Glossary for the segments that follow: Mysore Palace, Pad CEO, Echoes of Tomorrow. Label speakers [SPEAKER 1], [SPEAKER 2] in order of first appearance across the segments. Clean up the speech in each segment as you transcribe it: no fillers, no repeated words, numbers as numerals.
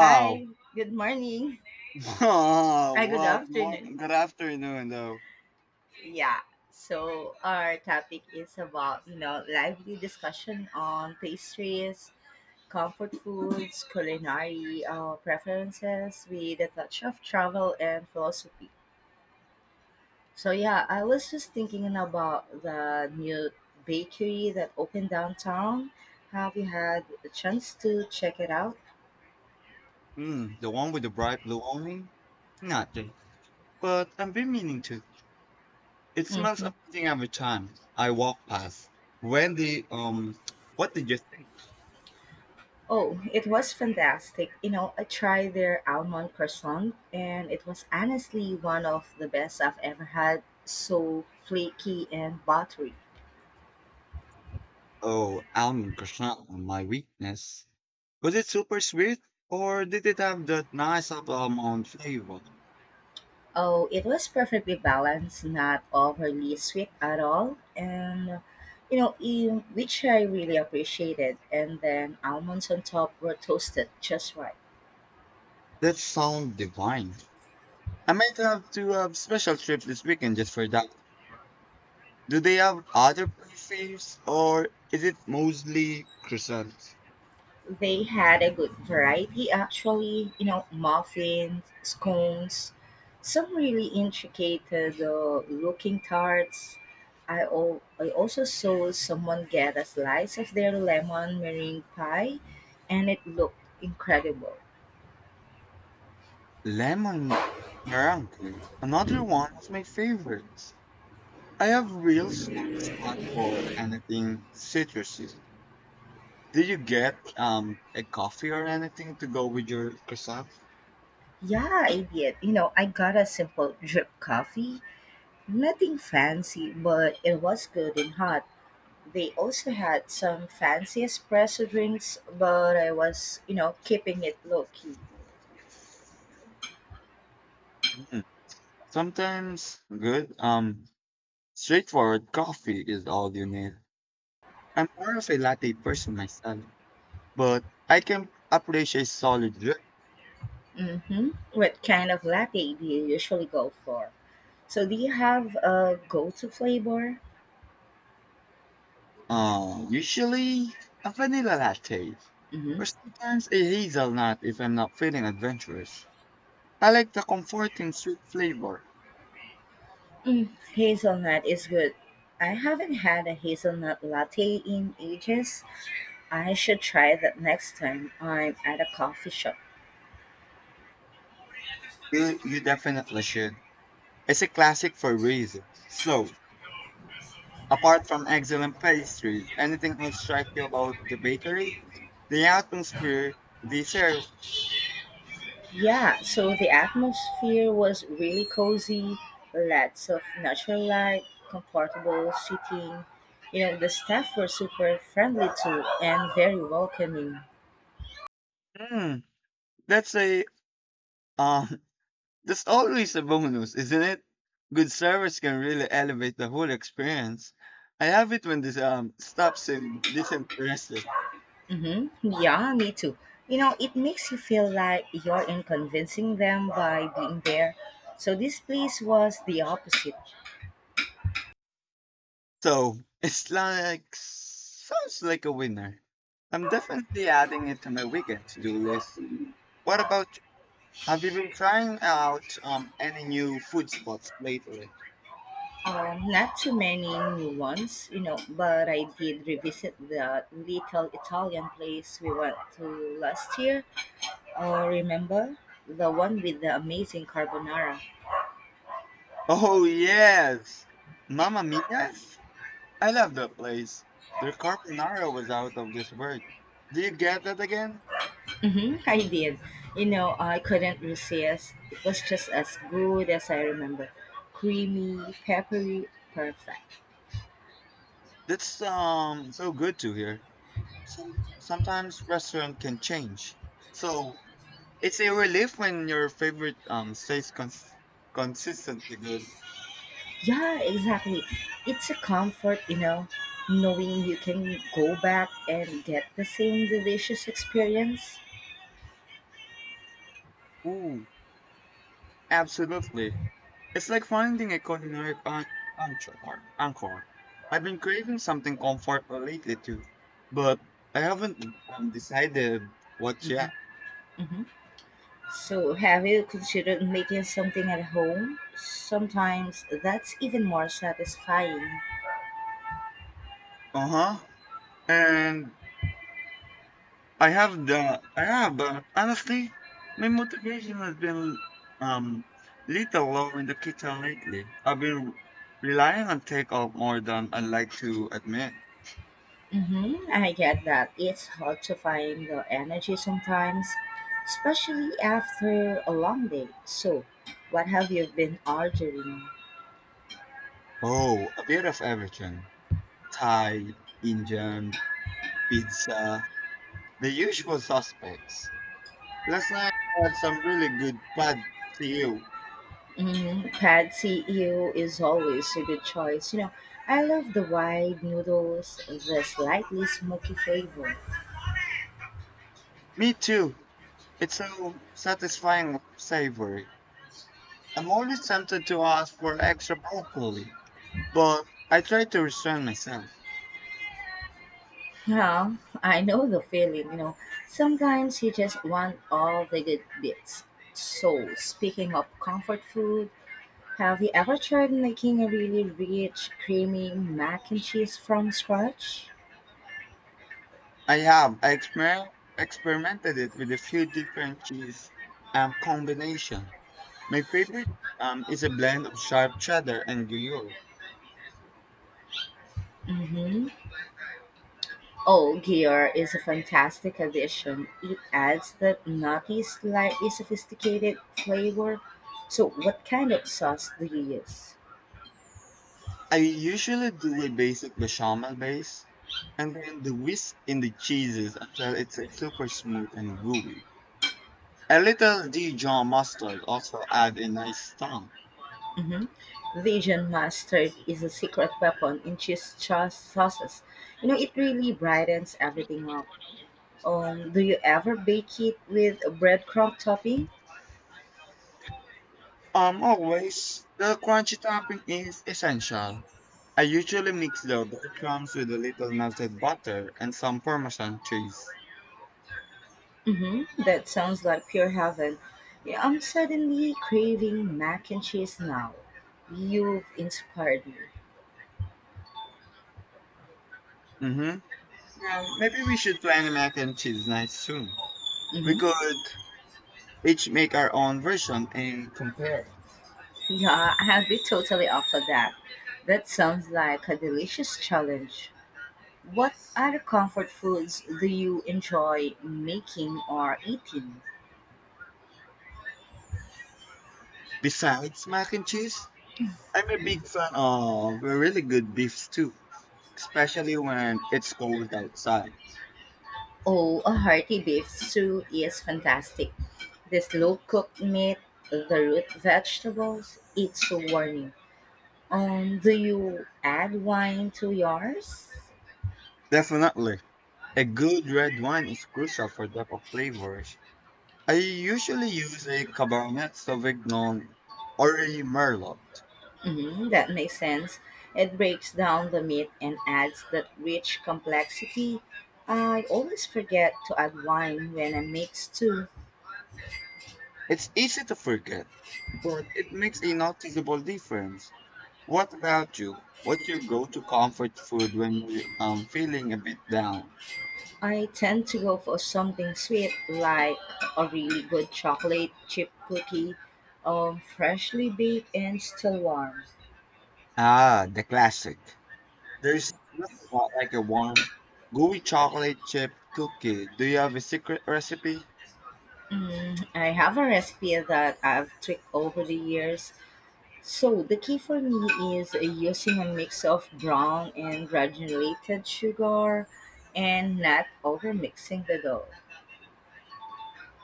[SPEAKER 1] Hi, good morning.
[SPEAKER 2] wow.
[SPEAKER 1] Or good
[SPEAKER 2] Well,
[SPEAKER 1] afternoon.
[SPEAKER 2] good afternoon, though.
[SPEAKER 1] Yeah. So our topic is about, you know, lively discussion on pastries, comfort foods, culinary preferences with a touch of travel and philosophy. So yeah, I was just thinking about the new bakery that opened downtown. Have you had a chance to check it out?
[SPEAKER 2] Mm, the one with the bright blue awning? Not this. But I've been meaning to. It smells
[SPEAKER 1] Mhm.
[SPEAKER 2] amazing every time I walk past. When the, um, what did you think?
[SPEAKER 1] Oh, it was fantastic. You know, I tried their almond croissant and it was honestly one of the best I've ever had. So flaky and buttery.
[SPEAKER 2] Oh, almond croissant, my weakness. Was it super sweet? Or did it have that nice apple almond flavor?
[SPEAKER 1] Oh, it was perfectly balanced, not overly sweet at all. And, you know, in, which I really appreciated. And then almonds on top were toasted just right.
[SPEAKER 2] That sounds divine. I might have to have special trip this weekend just for that. Do they have other pastries or is it mostly croissants?
[SPEAKER 1] They had a good variety actually, you know, muffins, scones, some really intricate looking tarts. I also saw someone get a slice of their lemon meringue pie and it looked incredible.
[SPEAKER 2] Lemon meringue, another one of my favorites. I have real soft spot for anything citrusy. Did you get a coffee or anything to go with your croissant?
[SPEAKER 1] Yeah, I did. You know, I got a simple drip coffee. Nothing fancy, but it was good and hot. They also had some fancy espresso drinks, but I was, you know, keeping it low key.
[SPEAKER 2] Mm, sometimes good straightforward coffee is all you need. I'm more of a latte person myself, but I can appreciate solid drink.
[SPEAKER 1] Hmm. What kind of latte do you usually go for? So, do you have a go to flavor?
[SPEAKER 2] Usually a vanilla latte,
[SPEAKER 1] Hmm.
[SPEAKER 2] or sometimes a hazelnut if I'm not feeling adventurous. I like the comforting sweet flavor.
[SPEAKER 1] Mm, hazelnut is good. I haven't had a hazelnut latte in ages. I should try that next time I'm at a coffee shop.
[SPEAKER 2] You definitely should. It's a classic for a reason. So, apart from excellent pastries, anything else strike you about the bakery? The atmosphere, the serve.
[SPEAKER 1] Yeah, so the atmosphere was really cozy, lots of natural light, comfortable seating. You know, the staff were super friendly too and very welcoming.
[SPEAKER 2] Hmm, that's a um that's always a bonus, isn't it? Good service can really elevate the whole experience. I have it when this stops in disinterested.
[SPEAKER 1] Mm-hmm. Yeah, me too. You know, it makes you feel like you're in convincing them by being there. So this place was the opposite.
[SPEAKER 2] So it's like sounds like a winner. I'm definitely adding it to my weekend to do list. What about you? Have you been trying out any new food spots lately?
[SPEAKER 1] Not too many new ones, you know, but I did revisit the little Italian place we went to last year. Oh, remember the one with the amazing carbonara?
[SPEAKER 2] Oh yes, Mamma Mia's. I love that place. Their carbonara was out of this world. Do you get that again?
[SPEAKER 1] Hmm. I did. You know, I couldn't resist. It was just as good as I remember. Creamy, peppery, perfect.
[SPEAKER 2] That's so good to hear. Some sometimes restaurant can change. So it's a relief when your favorite consistently good.
[SPEAKER 1] Yeah, exactly. It's a comfort, you know, knowing you can go back and get the same delicious experience.
[SPEAKER 2] Ooh, absolutely. It's like finding a anchor. Anchor. I've been craving something comfortable lately too, but I haven't decided what
[SPEAKER 1] Hmm.
[SPEAKER 2] yet.
[SPEAKER 1] Hmm. So, have you considered making something at home? Sometimes that's even more satisfying.
[SPEAKER 2] Uh huh. And I have, but honestly, my motivation has been um little low in the kitchen lately. I've been relying on takeout more than I like to admit.
[SPEAKER 1] Mm-hmm, I get that. It's hard to find the energy sometimes, especially after a long day. So, what have you been ordering?
[SPEAKER 2] Oh, a bit of everything. Thai, Indian, pizza, the usual suspects. Last night I had some really good pad see you.
[SPEAKER 1] Mm, Pad CEO is always a good choice. You know, I love the wide noodles, the slightly smoky flavor.
[SPEAKER 2] Me too. It's so satisfying savory. I'm always tempted to ask for extra broccoli, but I try to restrain myself.
[SPEAKER 1] Yeah, I know the feeling, you know. Sometimes you just want all the good bits. So, speaking of comfort food, have you ever tried making a really rich, creamy mac and cheese from scratch?
[SPEAKER 2] I experimented it with a few different cheese combination. My favorite is a blend of sharp cheddar and Gruyere.
[SPEAKER 1] Mm-hmm. Oh, gear is a fantastic addition. It adds that nutty, slightly sophisticated flavor. So, what kind of sauce do you use?
[SPEAKER 2] I usually do a basic bechamel base and then the whisk in the cheeses until it's super smooth and gooey. A little Dijon mustard also add a nice tang.
[SPEAKER 1] Mm-hmm. Dijon mustard is a secret weapon in sauces. You know, it really brightens everything up. Do you ever bake it with a breadcrumb topping?
[SPEAKER 2] Always, the crunchy topping is essential. I usually mix the breadcrumbs with a little melted butter and some Parmesan cheese.
[SPEAKER 1] Hmm. That sounds like pure heaven. Yeah, I'm suddenly craving mac and cheese now. You've inspired me.
[SPEAKER 2] Mm-hmm. Well, maybe we should plan a mac and cheese night soon. We
[SPEAKER 1] Hmm.
[SPEAKER 2] could each make our own version and compare.
[SPEAKER 1] Yeah, I have been totally up for that. That sounds like a delicious challenge. What other comfort foods do you enjoy making or eating?
[SPEAKER 2] Besides mac and cheese, I'm a big fan of a really good beef stew, especially when it's cold outside.
[SPEAKER 1] Oh, a hearty beef stew is fantastic. The slow cooked meat, the root vegetables, it's so warming. Do you add wine to yours?
[SPEAKER 2] Definitely, a good red wine is crucial for depth of flavors. I usually use a Cabernet Sauvignon or a Merlot.
[SPEAKER 1] Hmm, that makes sense. It breaks down the meat and adds that rich complexity. I always forget to add wine when I mix too.
[SPEAKER 2] It's easy to forget, but it makes a noticeable difference. What about you? What's your go-to comfort food when you're feeling a bit down?
[SPEAKER 1] I tend to go for something sweet like a really good chocolate chip cookie, freshly baked and still warm.
[SPEAKER 2] Ah, the classic. There's nothing quite like a warm, gooey chocolate chip cookie. Do you have a secret recipe?
[SPEAKER 1] Mm, I have a recipe that I've tweaked over the years. So the key for me is using a mix of brown and granulated sugar and not over mixing the dough.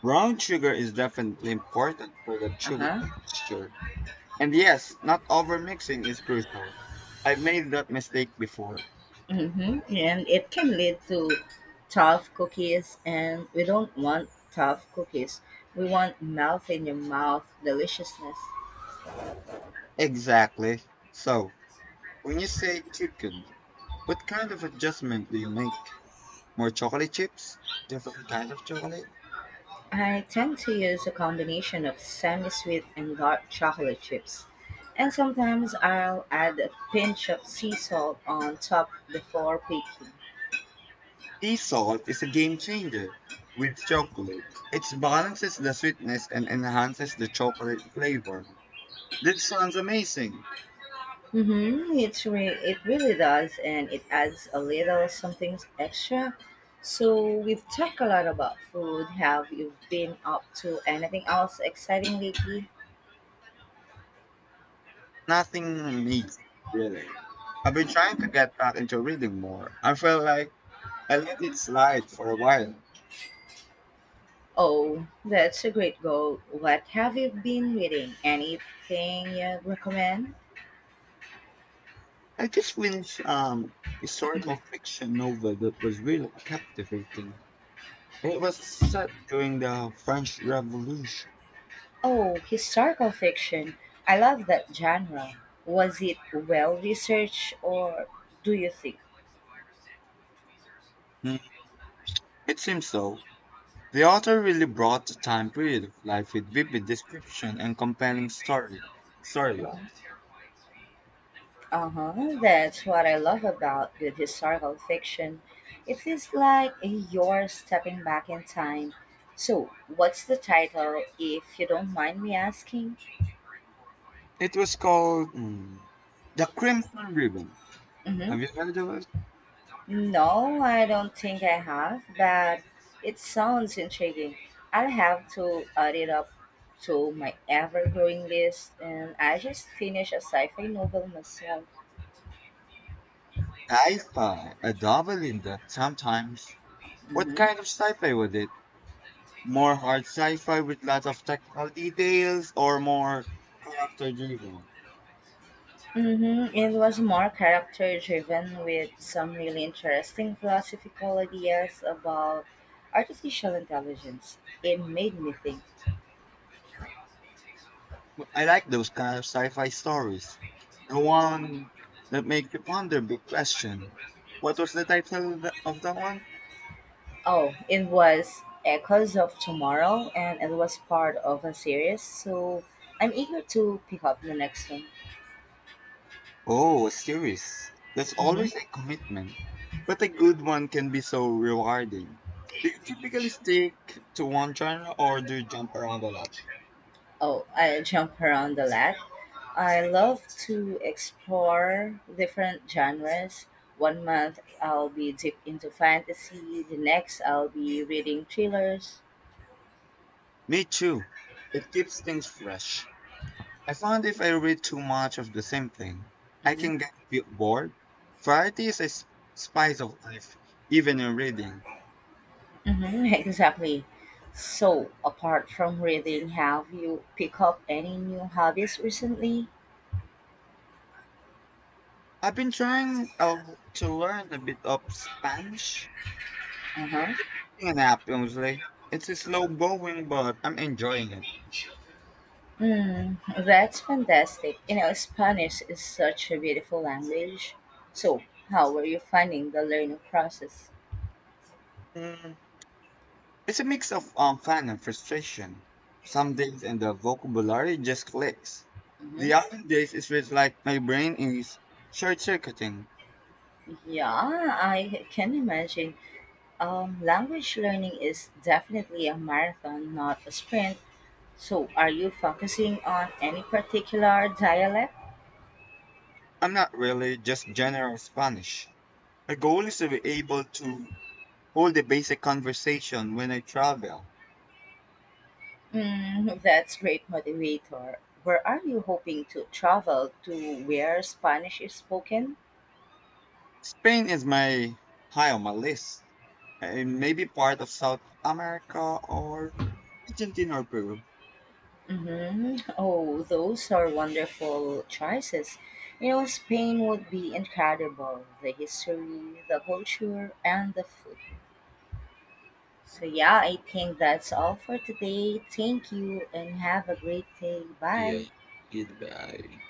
[SPEAKER 2] Brown sugar is definitely important for the chewy
[SPEAKER 1] Uh-huh.
[SPEAKER 2] texture. And yes, not overmixing is crucial. I've made that mistake before.
[SPEAKER 1] Mm-hmm. And it can lead to tough cookies, and we don't want tough cookies. We want melt in your mouth deliciousness.
[SPEAKER 2] Exactly. So, when you say chicken, what kind of adjustment do you make? More chocolate chips? Different kind of chocolate?
[SPEAKER 1] I tend to use a combination of semi-sweet and dark chocolate chips. And sometimes I'll add a pinch of sea salt on top before baking.
[SPEAKER 2] Sea salt is a game changer with chocolate. It balances the sweetness and enhances the chocolate flavor. That sounds amazing.
[SPEAKER 1] Mm-hmm. It really does, and it adds a little something extra. So we've talked a lot about food. Have you been up to anything else exciting lately?
[SPEAKER 2] Nothing needs, really. I've been trying to get back into reading more. I felt like I let it slide for a while.
[SPEAKER 1] Oh, that's a great goal. What have you been reading? Anything you recommend?
[SPEAKER 2] I just finished historical fiction novel that was really captivating. It was set during the French Revolution.
[SPEAKER 1] Oh, historical fiction. I love that genre. Was it well researched, or do you think?
[SPEAKER 2] Mm, it seems so. The author really brought the time period of life with vivid description and compelling storyline.
[SPEAKER 1] Mhm. Uh-huh. That's what I love about good historical fiction. It feels like you're stepping back in time. So, what's the title, if you don't mind me asking?
[SPEAKER 2] It was called mm, The Crimson Ribbon.
[SPEAKER 1] Hmm.
[SPEAKER 2] Have you heard of it?
[SPEAKER 1] No, I don't think I have, but it sounds intriguing. I'll have to add it up to my ever growing list, and I just finished a sci fi novel myself.
[SPEAKER 2] Sci-fi, a double in that sometimes. What
[SPEAKER 1] Mhm.
[SPEAKER 2] kind of sci-fi was it? More hard sci-fi with lots of technical details or more character driven.
[SPEAKER 1] Mm-hmm. It was more character driven with some really interesting philosophical ideas about artificial intelligence. It made me think.
[SPEAKER 2] I like those kind of sci-fi stories. The one that make you ponder big question. What was the title of that one?
[SPEAKER 1] Oh, it was Echoes of Tomorrow and it was part of a series, so I'm eager to pick up the next one.
[SPEAKER 2] Oh, a series. That's
[SPEAKER 1] Mm-hmm.
[SPEAKER 2] always a commitment. But a good one can be so rewarding. Do you typically stick to one genre or do you jump around a lot?
[SPEAKER 1] Oh, I jump around a lot. I love to explore different genres. One month I'll be deep into fantasy, the next I'll be reading thrillers.
[SPEAKER 2] Me too. It keeps things fresh. I found if I read too much of the same thing, I
[SPEAKER 1] Hmm.
[SPEAKER 2] can get feel bored. Variety is a s- Spice of life, even in reading.
[SPEAKER 1] Hmm. Exactly. So, apart from reading, have you picked up any new hobbies recently?
[SPEAKER 2] I've been trying to learn a bit of Spanish
[SPEAKER 1] Uh-huh.
[SPEAKER 2] in app, honestly. It's slow going, but I'm enjoying it.
[SPEAKER 1] Mm, that's fantastic. You know, Spanish is such a beautiful language. So, how were you finding the learning process?
[SPEAKER 2] Mm, it's a mix of fun and frustration. Some days and the vocabulary just clicks. The other days it feels like my brain is short-circuiting.
[SPEAKER 1] Yeah, I can imagine. Language learning is definitely a marathon, not a sprint. So, are you focusing on any particular dialect?
[SPEAKER 2] I'm not really just general Spanish. My goal is to be able to hold a basic conversation when I travel.
[SPEAKER 1] Mm, that's great motivator. Where are you hoping to travel to where Spanish is spoken?
[SPEAKER 2] Spain is my high on my list, and maybe part of South America or Argentina or Peru.
[SPEAKER 1] Hmm. Oh, those are wonderful choices. You know, Spain would be incredible. The history, the culture, and the food. So, yeah, I think that's all for today. Thank you and have a great day.
[SPEAKER 2] Yeah,
[SPEAKER 1] Bye.
[SPEAKER 2] goodbye.